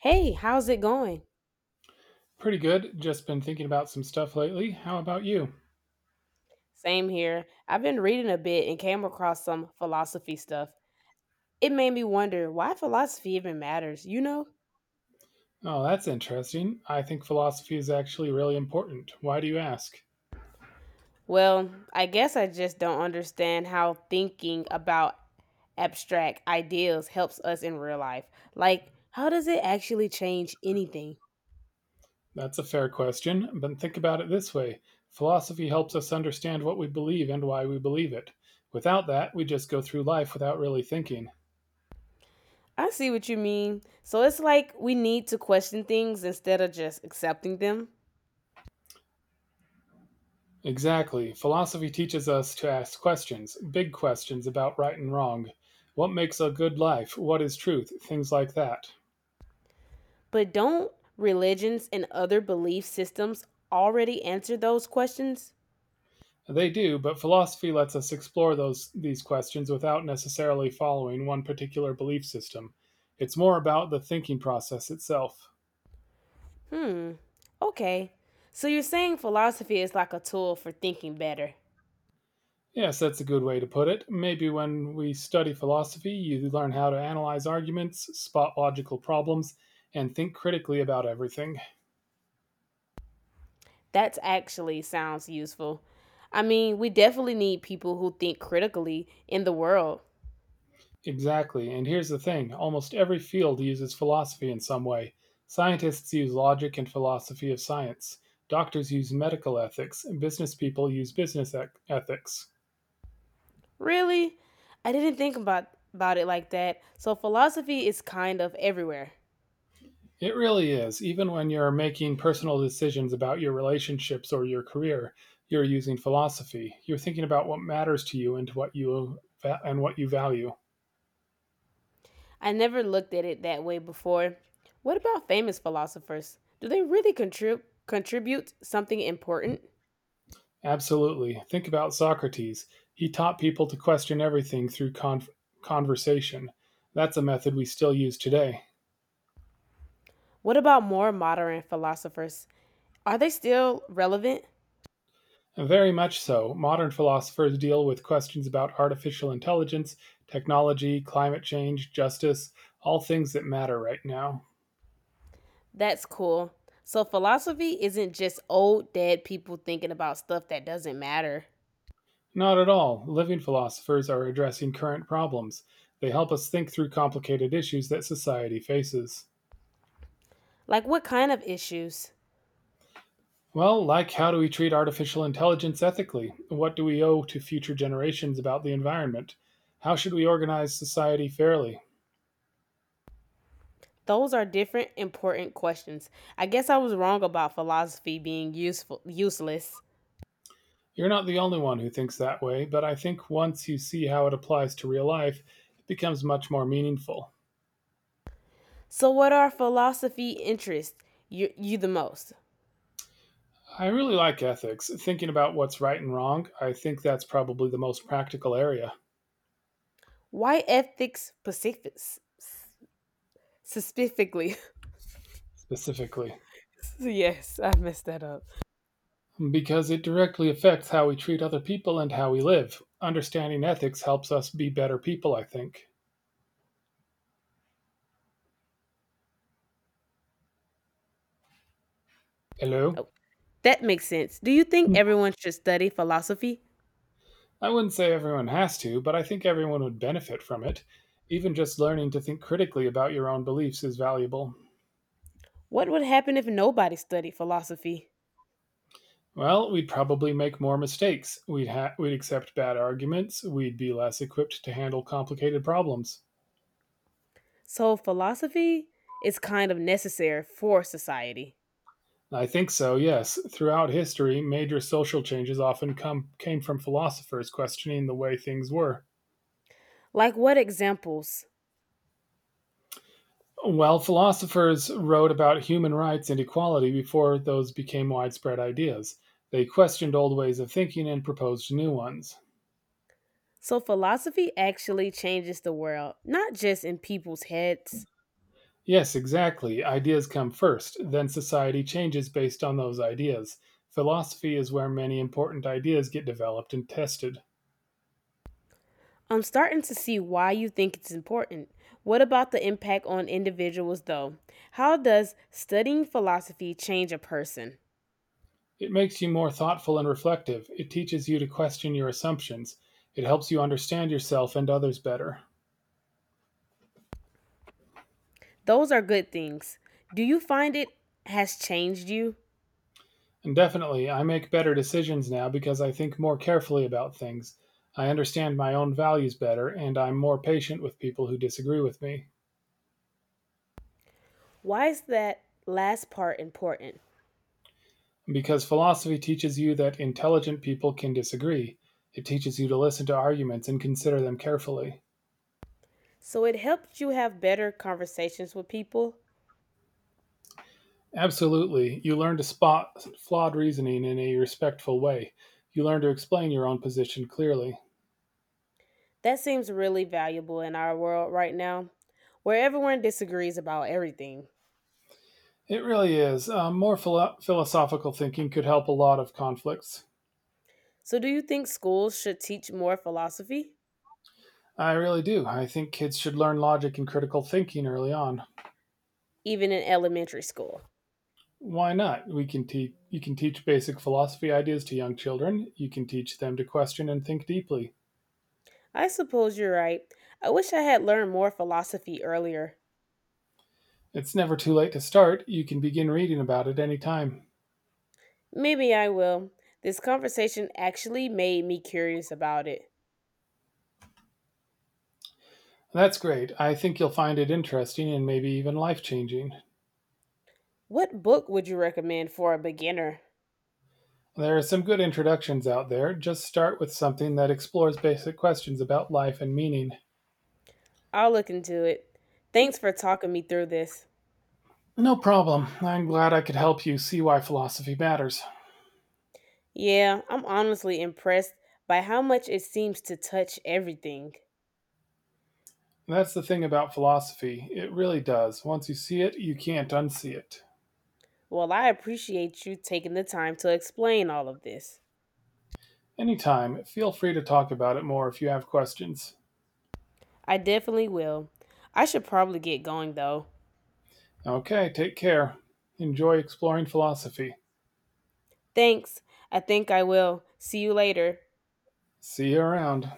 Hey, how's it going? Pretty good. Just been thinking about some stuff lately. How about you? Same here. I've been reading a bit and came across some philosophy stuff. It made me wonder why philosophy even matters, you know? Oh, that's interesting. I think philosophy is actually really important. Why do you ask? Well, I guess I just don't understand how thinking about abstract ideals helps us in real life. Like, how does it actually change anything? That's a fair question, but think about it this way philosophy helps us understand what we believe and why we believe it. Without that, we just go through life without really thinking. I see what you mean. So it's like we need to question things instead of just accepting them. Exactly. Philosophy teaches us to ask questions, big questions about right and wrong. What makes a good life? What is truth? Things like that. But don't religions and other belief systems already answer those questions? They do, but philosophy lets us explore those these questions without necessarily following one particular belief system. It's more about the thinking process itself. Hmm. Okay. So you're saying philosophy is like a tool for thinking better. Yes, that's a good way to put it. Maybe when we study philosophy, you learn how to analyze arguments, spot logical problems, and think critically about everything. That actually sounds useful. I mean, we definitely need people who think critically in the world. Exactly. And here's the thing almost every field uses philosophy in some way. Scientists use logic and philosophy of science. Doctors use medical ethics. And business people use business ethics. Really? I didn't think about it like that. So philosophy is kind of everywhere. It really is. Even when you're making personal decisions about your relationships or your career, you're using philosophy. You're thinking about what matters to you and and what you value. I never looked at it that way before. What about famous philosophers? Do they really contribute something important? Absolutely. Think about Socrates. He taught people to question everything through conversation. That's a method we still use today. What about more modern philosophers? Are they still relevant? Very much so. Modern philosophers deal with questions about artificial intelligence, technology, climate change, justice, all things that matter right now. That's cool. So philosophy isn't just old dead people thinking about stuff that doesn't matter. Not at all. Living philosophers are addressing current problems. They help us think through complicated issues that society faces. Like what kind of issues? Well, like how do we treat artificial intelligence ethically? What do we owe to future generations about the environment? How should we organize society fairly? Those are different important questions. I guess I was wrong about philosophy being useful useless. You're not the only one who thinks that way, but I think once you see how it applies to real life, it becomes much more meaningful. So what are philosophy interests you the most? I really like ethics, thinking about what's right and wrong. I think that's probably the most practical area, Why specifically? specifically. Yes, I messed that up. Because it directly affects how we treat other people and how we live. Understanding ethics helps us be better people, I think. Hello? Oh, that makes sense. Do you think Hmm. everyone should study philosophy? I wouldn't say everyone has to, but I think everyone would benefit from it. Even just learning to think critically about your own beliefs is valuable. What would happen if nobody studied philosophy? Well, we'd probably make more mistakes. We'd accept bad arguments. We'd be less equipped to handle complicated problems. So, philosophy is kind of necessary for society. I think so, yes. Throughout history, major social changes came from philosophers questioning the way things were. Like, what examples? Well, philosophers wrote about human rights and equality before those became widespread ideas. They questioned old ways of thinking and proposed new ones. So, philosophy actually changes the world, not just in people's heads. Yes, exactly. Ideas come first, then society changes based on those ideas. Philosophy is where many important ideas get developed and tested. I'm starting to see why you think it's important. What about the impact on individuals, though? How does studying philosophy change a person? It makes you more thoughtful and reflective. It teaches you to question your assumptions. It helps you understand yourself and others better. Those are good things. Do you find it has changed you? And definitely, I make better decisions now because I think more carefully about things. I understand my own values better, and I'm more patient with people who disagree with me. Why is that last part important? Because philosophy teaches you that intelligent people can disagree, it teaches you to listen to arguments and consider them carefully. So, it helps you have better conversations with people. Absolutely, you learn to spot flawed reasoning in a respectful way. You learn to explain your own position clearly. That seems really valuable in our world right now, where everyone disagrees about everything. It really is. More philosophical thinking could help a lot of conflicts. So, do you think schools should teach more philosophy, I really do. I think kids should learn logic and critical thinking early on. even in elementary school? Why not? We can teach You can teach basic philosophy ideas to young children. You can teach them to question and think deeply. I suppose you're right. I wish I had learned more philosophy earlier. It's never too late to start. You can begin reading about it any time. Maybe I will. This conversation actually made me curious about it. That's great. I think you'll find it interesting and maybe even life-changing. What book would you recommend for a beginner? There are some good introductions out there. Just start with something that explores basic questions about life and meaning. I'll look into it. Thanks for talking me through this. No problem. I'm glad I could help you see why philosophy matters. Yeah, I'm honestly impressed by how much it seems to touch everything. And that's the thing about philosophy. It really does. Once you see it, you can't unsee it. Well, I appreciate you taking the time to explain all of this. Anytime, feel free to talk about it more if you have questions. I definitely will. I should probably get going though. Okay, take care. Enjoy exploring philosophy. Thanks. I think I will. See you later. See you around.